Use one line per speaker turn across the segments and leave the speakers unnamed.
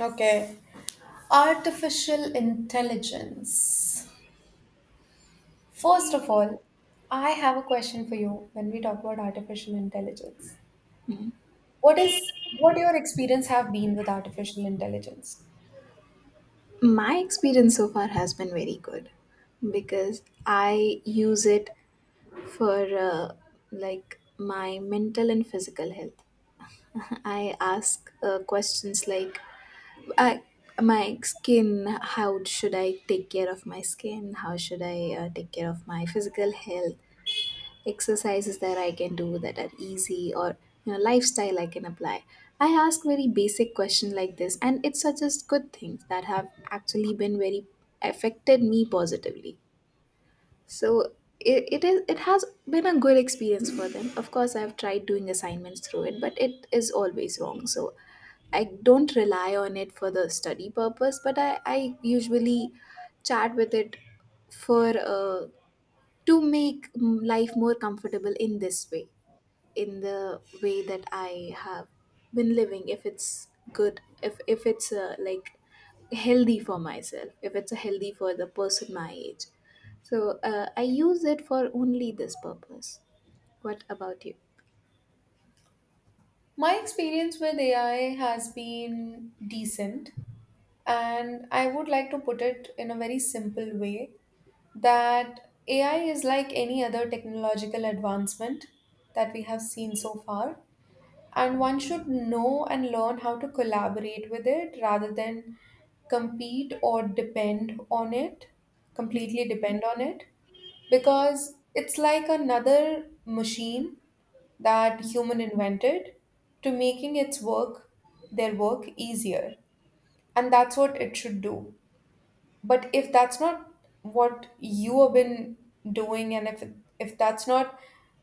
Okay. Artificial intelligence. First of all, I have a question for you when we talk about artificial intelligence. What your experience have been with artificial intelligence?
My experience so far has been very good because I use it for like my mental and physical health. I ask questions like I, my skin, how should I take care of my skin? How should I take care of my physical health? Exercises that I can do that are easy or you know lifestyle I can apply. I ask very basic question like this and it suggests good things that have actually been very affected me positively. So it is it has been a good experience for them. Of course I've tried doing assignments through it but it is always wrong. So I don't rely on it for the study purpose but I usually chat with it for to make life more comfortable in this way in the way that I have been living if it's good if it's like healthy for myself if it's healthy for the person my age so I use it for only this purpose. What about you?
My experience with AI has been decent, and I would like to put it in a very simple way that AI is like any other technological advancement that we have seen so far. And one should know and learn how to collaborate with it rather than compete or depend on it completely depend on it, because it's like another machine that human invented to making its work their work easier, and that's what it should do. But if that's not what you have been doing, and if that's not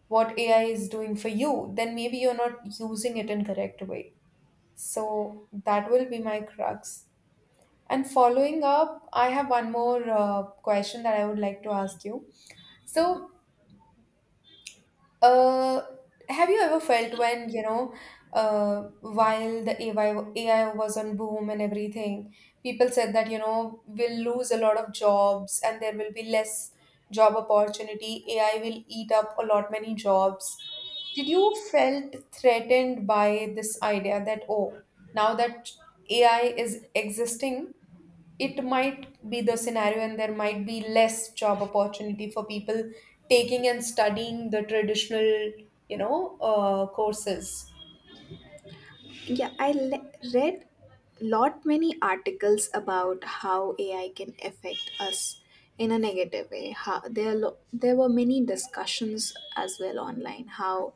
what AI is doing for you, then maybe you're not using it in correct way. So that will be my crux. And following up, I have one more question that I would like to ask you. So, uh, have you ever felt when, while the AI was on boom and everything, people said that, we'll lose a lot of jobs and there will be less job opportunity. AI will eat up a lot many jobs. Did you felt threatened by this idea that, oh, now that AI is existing, it might be the scenario and there might be less job opportunity for people taking and studying the traditional courses.
Yeah, read lot many articles about how AI can affect us in a negative way. How, there are there were many discussions as well online how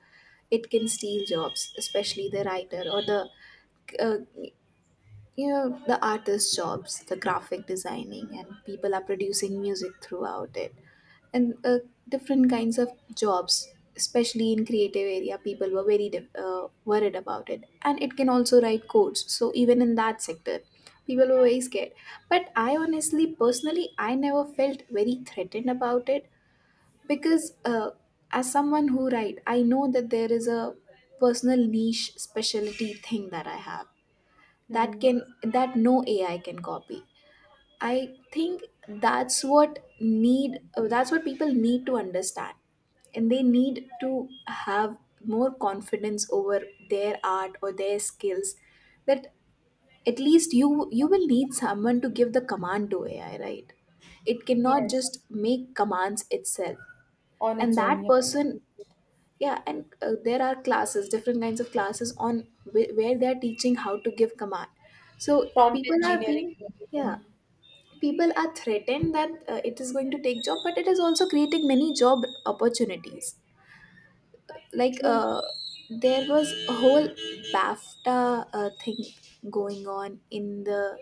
it can steal jobs, especially the writer or the uh, you know the artist jobs, the graphic designing, and people are producing music throughout it and different kinds of jobs especially in creative area people were very worried about it and it can also write codes so even in that sector people were very scared but I honestly personally I never felt very threatened about it because as someone who write I know that there is a personal niche specialty thing that I have that
Hmm.
can that no AI can copy, I think. That's what need, that's what people need to understand and they need to have more confidence over their art or their skills, that at least you will need someone to give the command to AI, right? It cannot
Yes,
just make commands itself.
on
And
its own,
that
yeah.
person, yeah, and there are classes, different kinds of classes on where they are teaching how to give command, so
Prompt
people are
engineering
being,
and
yeah,
everything.
people are threatened that it is going to take job but it is also creating many job opportunities, like
True.
there was a whole bafta thing going on in the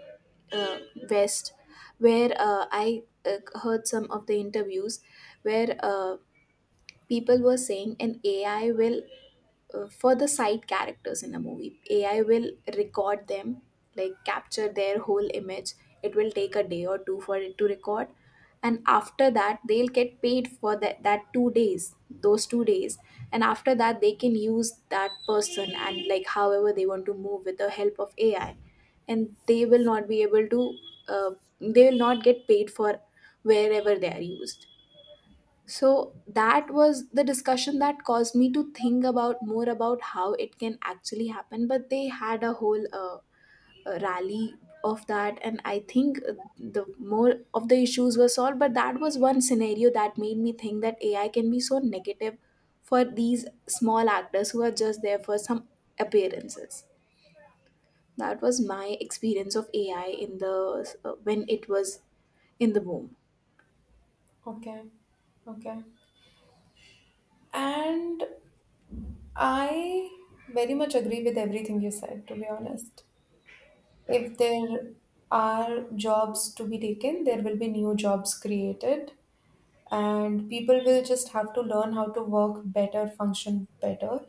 uh, west where I uh, heard some of the interviews where people were saying an AI will for the side characters in a movie AI will record them, like capture their whole image. It will take a day or two for it to record, and after that they'll get paid for that 2 days, those 2 days, and after that they can use that person and like however they want to move with the help of AI, and they will not be able to, uh, they will not get paid for wherever they are used. So that was the discussion that caused me to think about more about how it can actually happen. But they had a whole rally of that, and I think the more of the issues were solved. But that was one scenario that made me think that AI can be so negative for these small actors who are just there for some appearances. That was my experience of AI in the when it was in the boom.
Okay, okay. And I very much agree with everything you said, to be honest. If there are jobs to be taken, there will be new jobs created, and people will just have to learn how to work better, function better,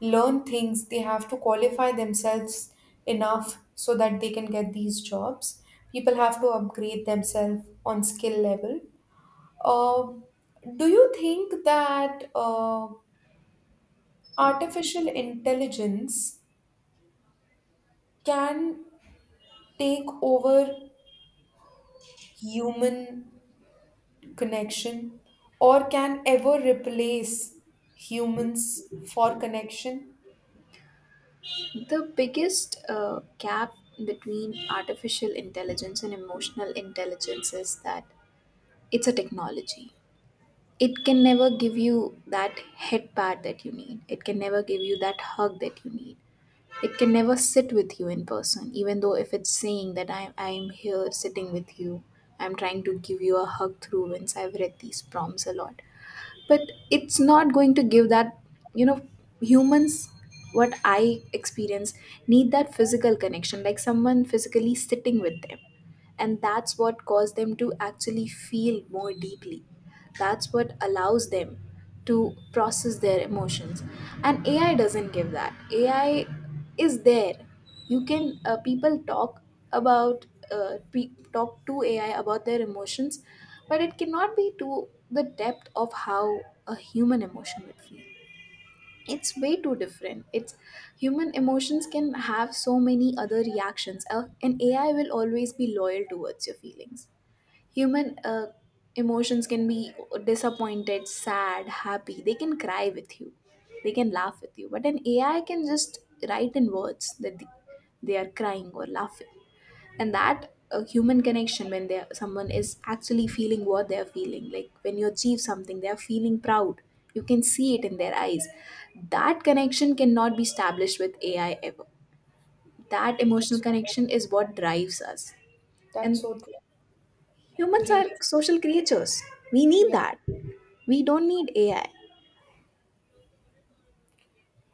learn things. They have to qualify themselves enough so that they can get these jobs. People have to upgrade themselves on skill level. Uh, do you think that artificial intelligence can take over human connection, or can ever replace humans for connection?
The biggest gap between artificial intelligence and emotional intelligence is that it's a technology. It can never give you that head pat that you need. It can never give you that hug that you need. It can never sit with you in person, even though if it's saying that I'm here sitting with you, I'm trying to give you a hug through. Since I've read these prompts a lot, but it's not going to give that, you know, humans, what I experience, need that physical connection, like someone physically sitting with them, and that's what caused them to actually feel more deeply, that's what allows them to process their emotions. And AI doesn't give that. AI is there. You can, people talk about, talk to AI about their emotions, but it cannot be to the depth of how a human emotion would feel. It's way too different. It's human emotions can have so many other reactions, and AI will always be loyal towards your feelings. Human emotions can be disappointed, sad, happy. They can cry with you, they can laugh with you. But an AI can just write in words that they are crying or laughing. And that human connection when they someone is actually feeling what they are feeling, like when you achieve something, they are feeling proud. You can see it in their eyes. That connection cannot be established with AI ever. That emotional
That's right.
connection is what drives us.
That's
And
so true.
humans are
Really.
social creatures. We need
Yeah.
that. We don't need AI.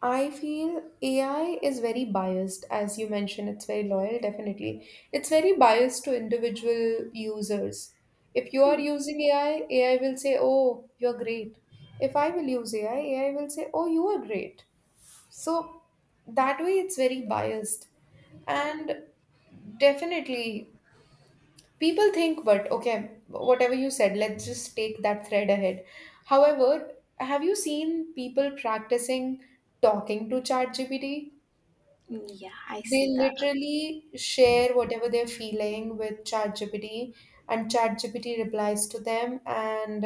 I feel AI is very biased, as you mentioned. It's very loyal, definitely. It's very biased to individual users. If you are using AI, AI will say, "Oh, you're great." If I will use AI, AI will say, "Oh, you are great." So that way, it's very biased. And definitely, people think, but okay, whatever you said, let's just take that thread ahead. However, have you seen people practicing talking to ChatGPT?
Yeah, I
They
see that.
literally share whatever they're feeling with ChatGPT, and ChatGPT replies to them, and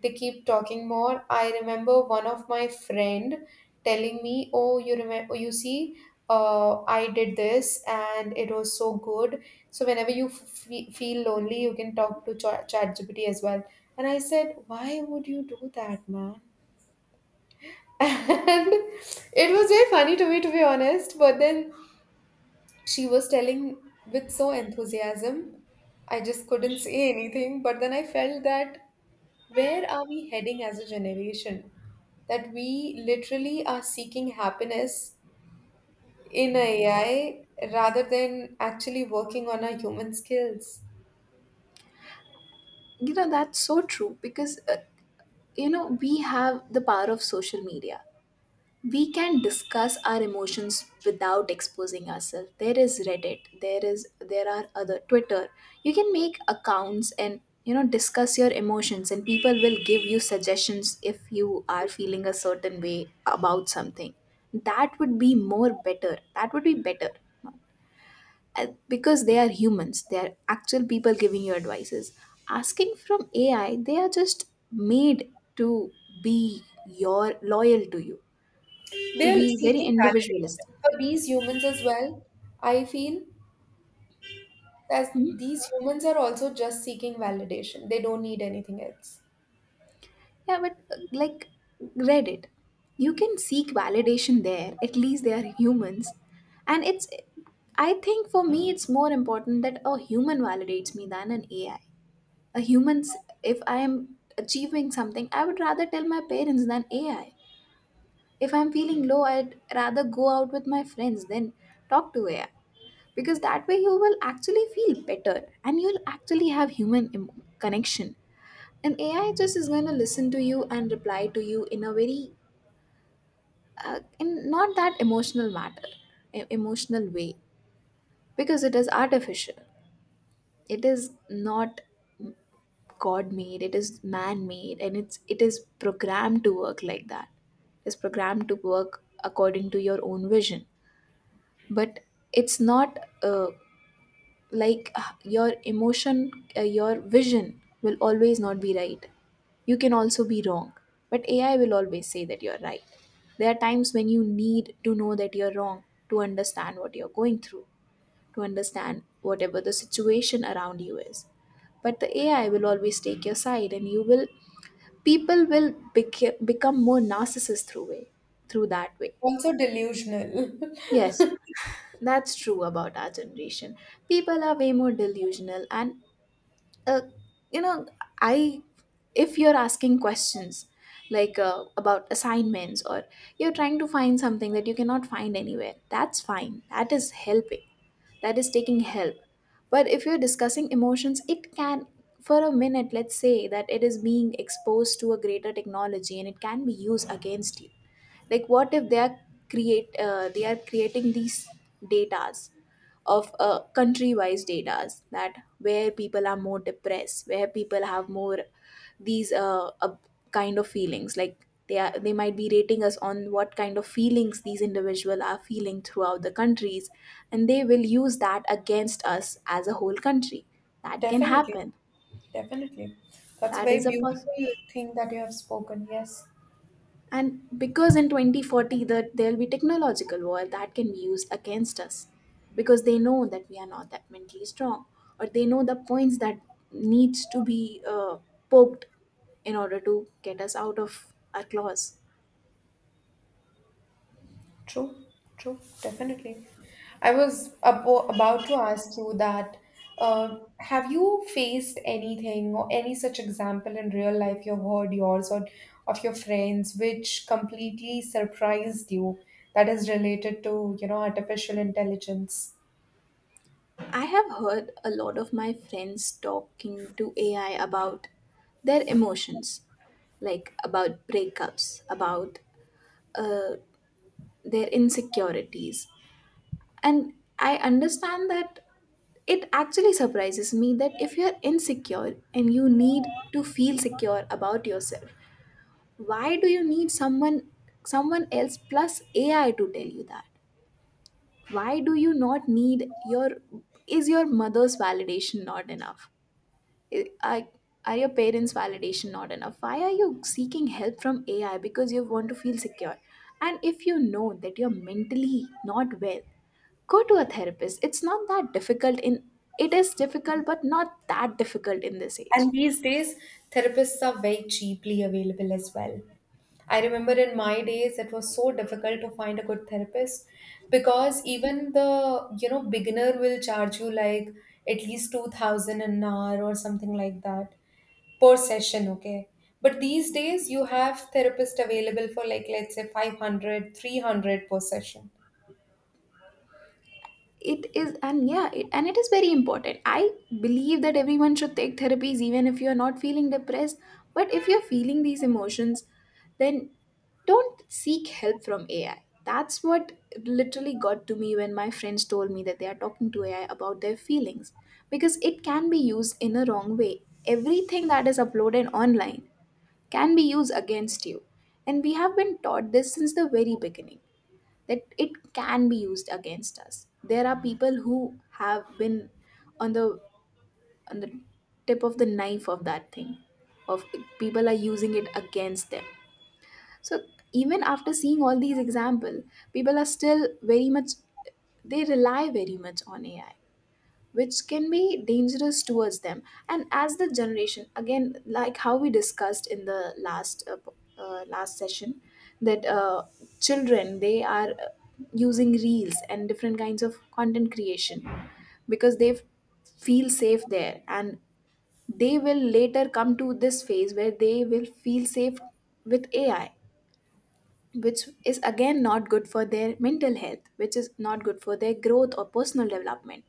they keep talking more. I remember one of my friend telling me, "Oh, you remember? You see, I did this, and it was so good. So whenever you feel lonely, you can talk to ChatGPT as well." And I said, "Why would you do that, man?" And it was very funny to me, to be honest. But then she was telling with so enthusiasm. I just couldn't say anything, but then I felt that, where are we heading as a generation? That we literally are seeking happiness in AI rather than actually working on our human skills.
You know, that's so true because, you know, we have the power of social media. We can discuss our emotions without exposing ourselves. There is Reddit, there are other Twitter. You can make accounts and you know discuss your emotions and people will give you suggestions if you are feeling a certain way about something. That would be more better, that would be better. Uh, because they are humans, they are actual people giving you advices. Asking from AI, they are just made to be your loyal to you, to
They're
be very
seeking validation
individualist.
for these humans as well. I feel that these humans are also just seeking validation, they don't need anything else.
Yeah, but like Reddit, you can seek validation there. At least they are humans. And it's, I think for me, it's more important that a human validates me than an AI. A human's, if I am achieving something, I would rather tell my parents than AI. If I'm feeling low, I'd rather go out with my friends than talk to AI. Because that way you will actually feel better and you'll actually have human connection, and AI just is going to listen to you and reply to you in a very in not that emotional matter, emotional way, because it is artificial. It is not god made, it is man made, and it is programmed to work like that. It's programmed to work according to your own vision, but it's not like your emotion, your vision will always not be right. You can also be wrong, but AI will always say that you're right. There are times when you need to know that you're wrong, to understand what you're going through, to understand whatever the situation around you is. But the AI will always take your side, and you will, people will become more narcissist through way, through that way.
Also, delusional.
Yes, that's true about our generation. People are way more delusional and, uh, you know, I, if you're asking questions like about assignments or you're trying to find something that you cannot find anywhere, that's fine, that is helping, that is taking help. But if you're discussing emotions, it can, for a minute let's say that it is being exposed to a greater technology and it can be used against you. Like what if they are create they are creating these datas of country wise datas, that where people are more depressed, where people have more these kind of feelings, like they are they might be rating us on what kind of feelings these individual are feeling throughout the countries, and they will use that against us as a whole country. That can
Definitely.
happen.
Definitely. That's a
That
very
is a
beautiful thing that you have spoken. Yes,
and because in 2040 that there'll be technological war that can be used against us, because they know that we are not that mentally strong, or they know the points that needs to be poked in order to get us out of our claws.
true, true, definitely. I was about to ask you that, uh, have you faced anything or any such example in real life you've heard, yours or of your friends, which completely surprised you that is related to, you know, artificial intelligence?
I have heard a lot of my friends talking to AI about their emotions, like about breakups, about uh, their insecurities. And I understand that, it actually surprises me that if you're insecure and you need to feel secure about yourself, why do you need someone else plus AI to tell you that? Why do you not need your, is your mother's validation not enough? I- I- Are your parents' validation not enough? Why are you seeking help from AI because you want to feel secure? And if you know that you're mentally not well, go to a therapist. It is difficult but not that difficult in this age.
And these days, therapists are very cheaply available as well. I remember in my days it was so difficult to find a good therapist, because even the beginner will charge you like at least 2000 an hour or something like that per session, okay? But these days you have therapist available for like let's say 500, 300 per session.
It is and Yeah, it is very important. I believe that everyone should take therapies even if you're not feeling depressed, but if you're feeling these emotions, then don't seek help from AI. That's what literally got to me when my friends told me that they are talking to AI about their feelings, because it can be used in a wrong way. Everything that is uploaded online can be used against you. And we have been taught this since the very beginning that it can be used against us. There are people who have been on the on the tip of the knife of that thing, of people are using it against them. So even after seeing all these examples, people are still very much, they rely very much on AI, which can be dangerous towards them. And as the generation, again, like how we discussed in the last last session, that children, they are using reels and different kinds of content creation because they feel safe there, and they will later come to this phase where they will feel safe with AI, which is again not good for their mental health, which is not good for their growth or personal development.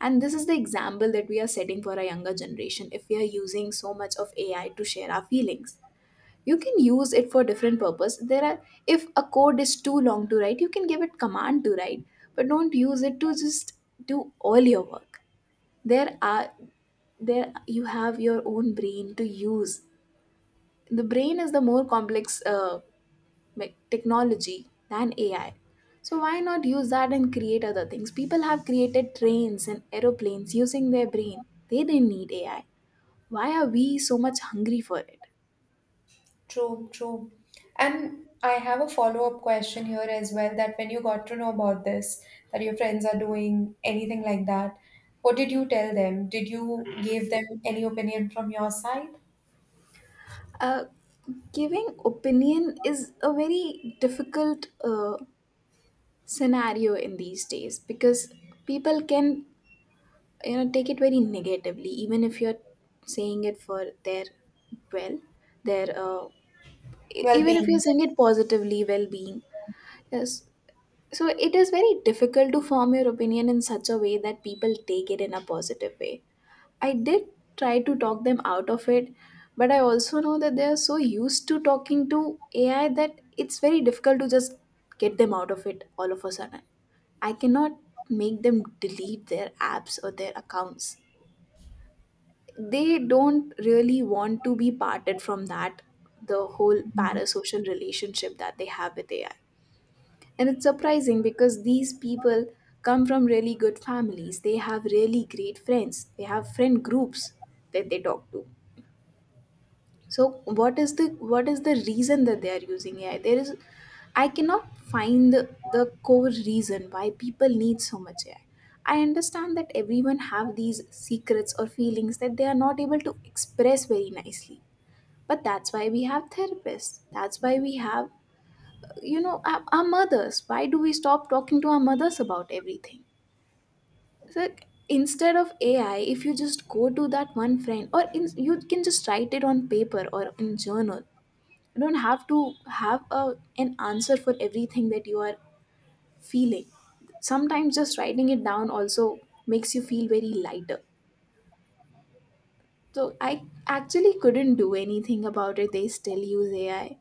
And this is the example that we are setting for a younger generation, if we are using so much of AI to share our feelings. You can use it for different purpose. There are, if a code is too long to write, you can give it command to write, but don't use it to just do all your work. There are there, you have your own brain to use. The brain is the more complex like technology than AI. So why not use that and create other things? People have created trains and aeroplanes using their brain. They didn't need AI. Why are we so much hungry for it?
True, true. And I have a follow-up question here as well that, when you got to know about this, that your friends are doing anything like that, what did you tell them? Did you give them any opinion from your side?
Uh, Giving opinion is a very difficult scenario in these days, because people can, you know, take it very negatively even if you're saying it for their well, their even if
Well-being.
you're saying it positively, well-being. Yes. So it is very difficult to form your opinion in such a way that people take it in a positive way. I did try to talk them out of it, but I also know that they are so used to talking to AI that it's very difficult to just get them out of it all of a sudden. I cannot make them delete their apps or their accounts. They don't really want to be parted from that, the whole parasocial relationship that they have with AI. And it's surprising, because these people come from really good families. They have really great friends. They have friend groups that they talk to. So what is the reason that they are using AI? There is I cannot find the core reason why people need so much AI. I understand that everyone have these secrets or feelings that they are not able to express very nicely. But that's why we have therapists. That's why we have, you know, our mothers. Why do we stop talking to our mothers about everything? It's like, instead of AI, if you just go to that one friend, you can just write it on paper or in journal. You don't have to have an answer for everything that you are feeling. Sometimes just writing it down also makes you feel very lighter. So I actually couldn't do anything about it. They still use AI,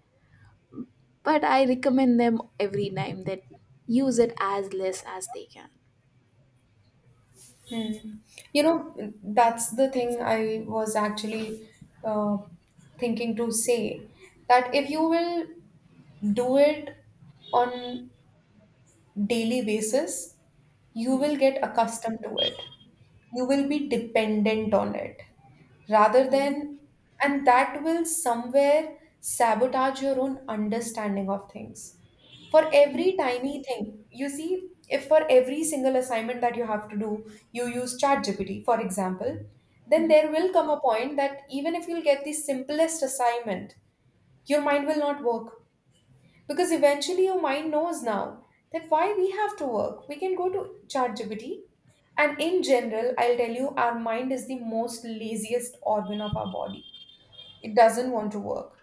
but I recommend them every time that use it as less as they can.
Yes. Hmm. You know, that's the thing I was actually uh, thinking to say, that if you will do it on daily basis, you
Hmm.
will get accustomed to it. You will be dependent on it, rather than, and that will somewhere sabotage your own understanding of things. For every tiny thing you see, if for every single assignment that you have to do you use ChatGPT, for example, then there will come a point that even if you'll get the simplest assignment, your mind will not work, because eventually your mind knows now that why we have to work. We can go to ChatGPT. And in general, I'll tell you, our mind is the most laziest organ of our body. It doesn't want to work.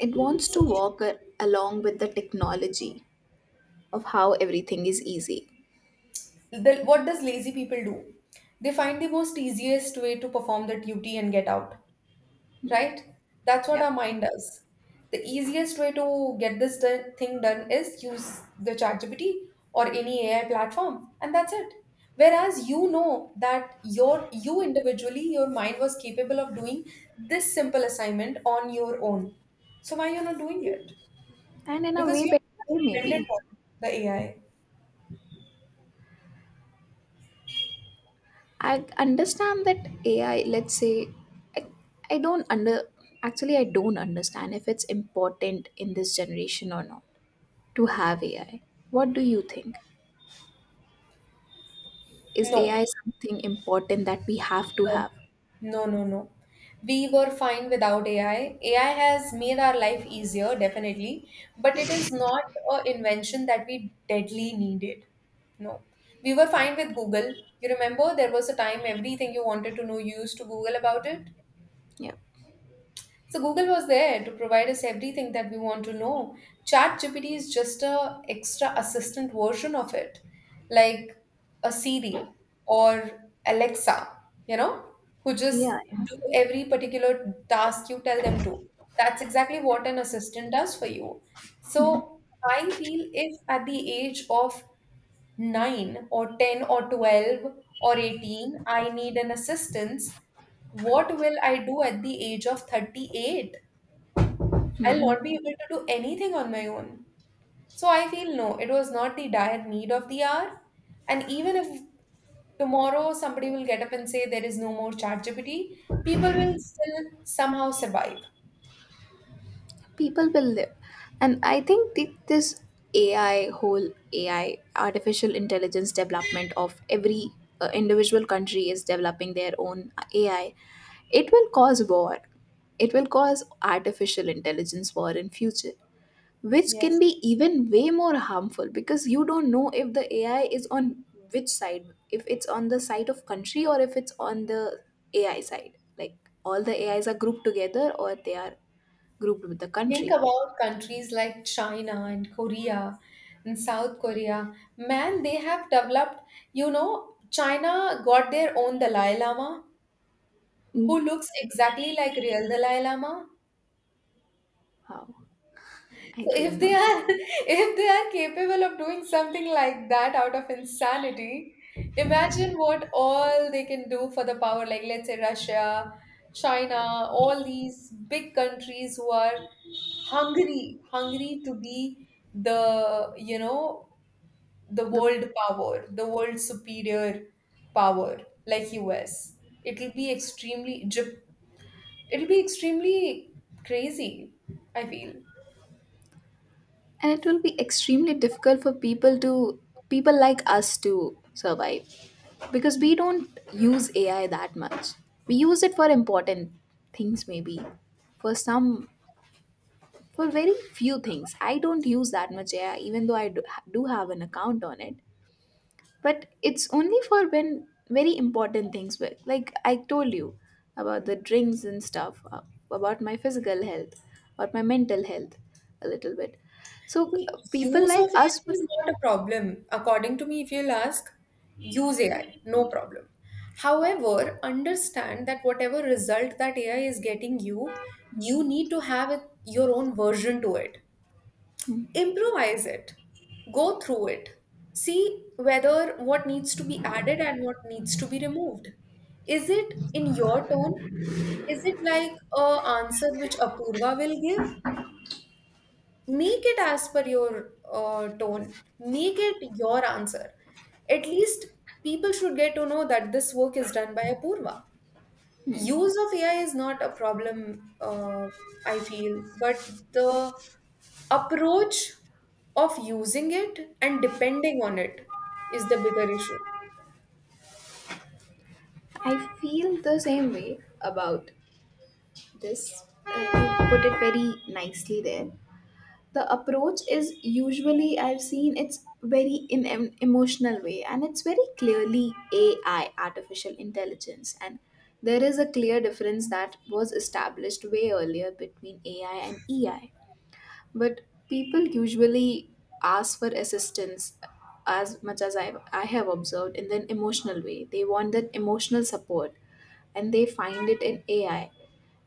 It wants
So
to
if
walk a- Along with the technology of how everything is easy.
the, what does lazy people do? They find the most easiest way to perform the duty and get out,
Mm.
right? That's what
Yeah.
our mind does. The easiest way to get this thing done is use the ChatGPT or any AI platform, and that's it. Whereas you know that your, you individually, your mind was capable of doing this simple assignment on your own. So why you're not doing it?
And in a
Because
way
you're
better
too much
way,
dependent
maybe.
on the AI.
I understand that AI, let's say, I, I don't under, actually, I don't understand if it's important in this generation or not to have AI. What do you think? Is AI
No,
something important that we have to
no.
have?
No, no, no. We were fine without AI. AI has made our life easier, definitely, but it is not a invention that we deadly needed. No. We were fine with Google. You remember there was a time everything you wanted to know, you used to Google about it?
Yeah.
So Google was there to provide us everything that we want to know. ChatGPT is just a extra assistant version of it, like a Siri or Alexa, you know, who just
Yeah, yeah.
do every particular task you tell them to. That's exactly what an assistant does for you. So I feel if at the age of 9 or 10 or 12 or 18, I need an assistance, what will I do at the age of 38? I'll
Hmm.
not be able to do anything on my own. So I feel no, it was not the dire need of the hour. And even if tomorrow somebody will get up and say there is no more ChatGPT, people will still somehow survive.
People will live. And I think this AI whole, AI artificial intelligence development of every individual country is developing their own AI. It will cause war. It will cause artificial intelligence war in future, which can
Yes.
be even way more harmful, because you don't know if the AI is on which side, if it's on the side of country or if it's on the AI side, like all the AIs are grouped together or they are grouped with the
Think
country.
about countries like China and Korea and South Korea. Man, they have developed, you know, China got their own Dalai Lama who
Mm.
looks exactly like real Dalai Lama.
Wow, I
So if
didn't
they
know that.
are if they are capable of doing something like that out of insanity, imagine what all they can do for the power, like let's say Russia, China, all these big countries who are hungry, hungry to be the, you know, the
The,
world power, the world superior power, like US. It'll be extremely, Jap- it'll be extremely crazy, I feel.
and it will be extremely difficult for people to, people like us to survive, because we don't use AI that much. We use it for important things, maybe, for some, for very few things. I don't use that much AI, even though I do, do have an account on it. But it's only for when very important things, were like I told you about the drinks and stuff, about my physical health or my mental health a little bit. So
The
people
use of
like us.
AI is not a problem. According to me, if you'll ask, use AI, no problem. However, understand that whatever result that AI is getting you, you need to have it, your own version to it. Improvise it, go through it, see whether what needs to be added and what needs to be removed. Is it in your tone? Is it like a answer which Apurva will give? Make it as per your tone. Make it your answer. At least people should get to know that this work is done by Apurva. Use of AI is not a problem, I feel, but the approach of using it and depending on it is the bigger issue.
I feel the same way about this. You put it very nicely there. The approach is usually, I've seen, it's very in emotional way, and it's very clearly AI, artificial intelligence. And there is a clear difference that was established way earlier between AI and EI. But people usually ask for assistance, as much as I have observed, in an emotional way. They want that emotional support, and they find it in AI.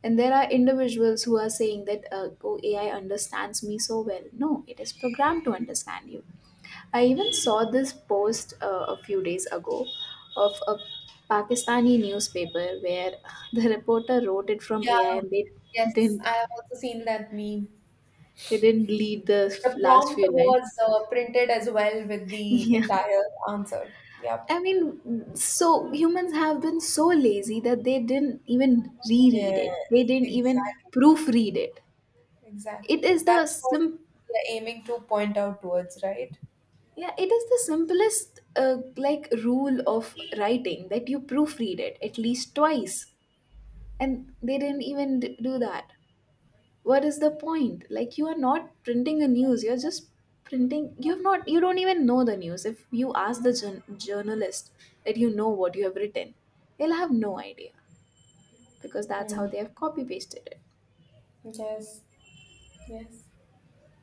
And there are individuals who are saying that, oh, AI understands me so well. No, it is programmed to understand you. I even saw this post a few days ago of a Pakistani newspaper where the reporter wrote it from
Yeah,
AI and they
yes,
didn't,
I have also seen that meme.
they didn't lead the
The
last
prompt
few
was
lines.
printed as well with the
Yeah.
entire answer. Yep.
I mean, so humans have been so lazy that they didn't even reread it. They
Yes,
didn't even
exactly.
proofread it. It
Exactly.
is the
That's what
sim-
we are aiming to point out towards, right?
yeah, it is the simplest like rule of writing that you proofread it at least twice. And they didn't even do that. What is the point? Like, you are not printing a news, you're just printing, you have not, you don't even know the news. If you ask the journalist that, you know, what you have written, they'll have no idea, because that's how
Hmm.
they have copy pasted it.
Yes, yes.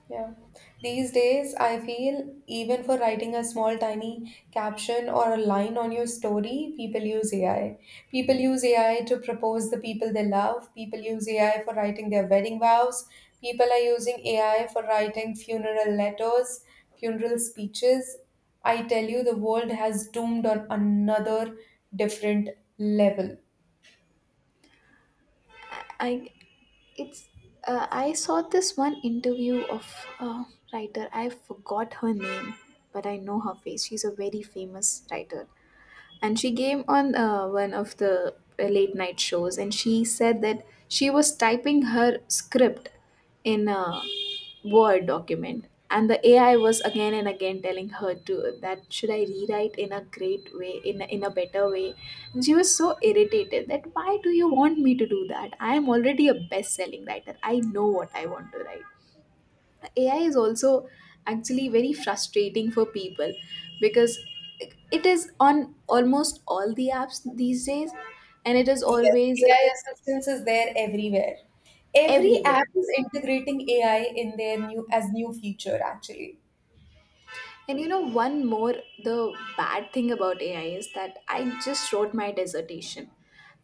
Yeah. These days, I feel even for writing a small, tiny caption or a line on your story, people use AI. People use AI to propose the people they love. People use AI for writing their wedding vows. People are using AI for writing funeral letters, funeral speeches. I tell you, the world has doomed on another different level.
I It's, I saw this one interview of a writer. I forgot her name, but I know her face. She's a very famous writer, and she came on one of the late night shows, and she said that she was typing her script in Word document. And the AI was again and again telling her to, that should I rewrite in a great way, in in a better way. And she was so irritated that, why do you want me to do that? I am already a best-selling writer. I know what I want to write. AI is also actually very frustrating for people, because it is on almost all the apps these days, and it is
Yes,
always
AI assistance is there everywhere. Every
everywhere.
app is integrating AI in their new as new feature actually.
And you know, one more, the bad thing about AI is that I just wrote my dissertation.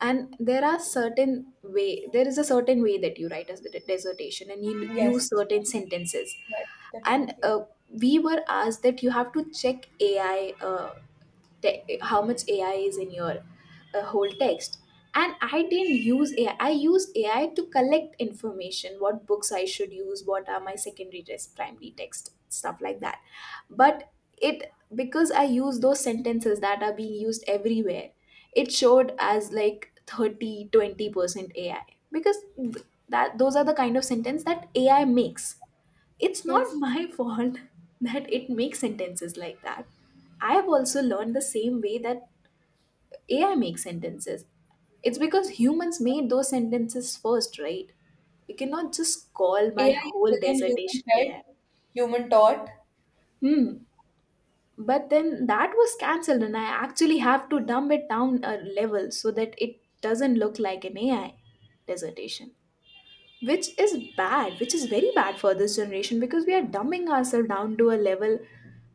And there is a certain way that you write a dissertation and you
Yes,
use certain sentences.
yes,
And
definitely.
we were asked that you have to check AI, how much AI is in your a whole text. And I didn't use AI. I used AI to collect information, what books I should use, what are my secondary text, primary text, stuff like that. But it, because I use those sentences that are being used everywhere, it showed as like 30, 20% AI, because that, those are the kind of sentence that AI makes. It's not
Yes.
my fault that it makes sentences like that. I have also learned the same way that AI makes sentences. It's because humans made those sentences first, right? You cannot just call my
AI
whole
is again human
dissertation AI.
fed, human taught.
Hmm. But then that was cancelled, and I actually have to dumb it down a level so that it doesn't look like an AI dissertation, which is bad, which is very bad for this generation, because we are dumbing ourselves down to a level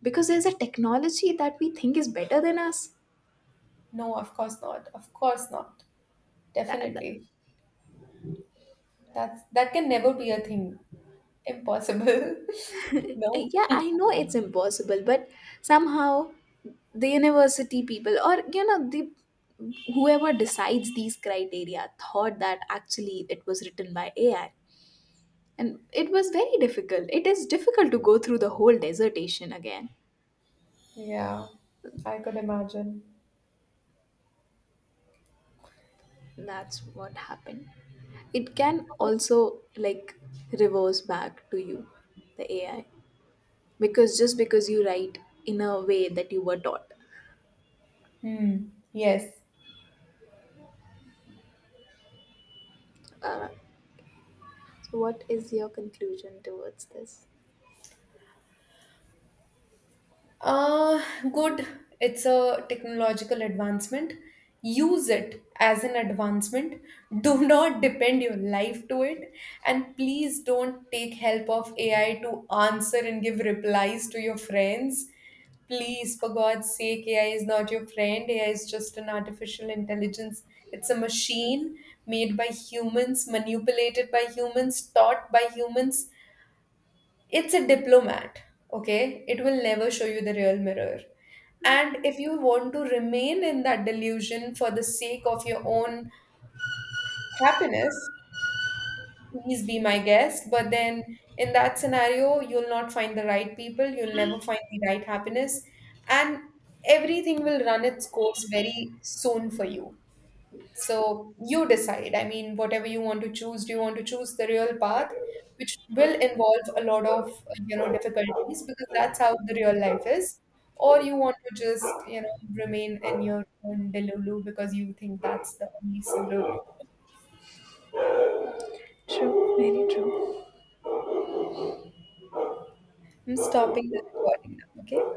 because there's a technology that we think is better than us.
No, of course not. Of course not.
That, that,
Definitely. That's that can never be a thing. Impossible. No.
yeah, I know it's impossible, but somehow the university people, or, you know, the whoever decides these criteria thought that actually it was written by AI. And it was very difficult, it is difficult to go through the whole dissertation again.
Yeah, I could imagine.
That's what happened. It can also like reverse back to you, the AI, because just because you write in a way that you were taught.
Hmm. Yes.
uh, so what is your conclusion towards this?
Uh, Good. It's a technological advancement. Use it as an advancement. Do not depend your life to it. And please don't take help of AI to answer and give replies to your friends. Please, for God's sake, AI is not your friend. AI is just an artificial intelligence. It's a machine made by humans, manipulated by humans, taught by humans. It's a diplomat, okay? It will never show you the real mirror. And if you want to remain in that delusion for the sake of your own happiness, please be my guest. But then in that scenario, you'll not find the right people, you'll never find the right happiness. And everything will run its course very soon for you. So you decide. I mean, whatever you want to choose, do you want to choose the real path, which will involve a lot of, you know, difficulties because that's how the real life is, or you want to just, you know, remain in your own delulu because you think that's the only solution.
To
I'm stopping the recording now, okay?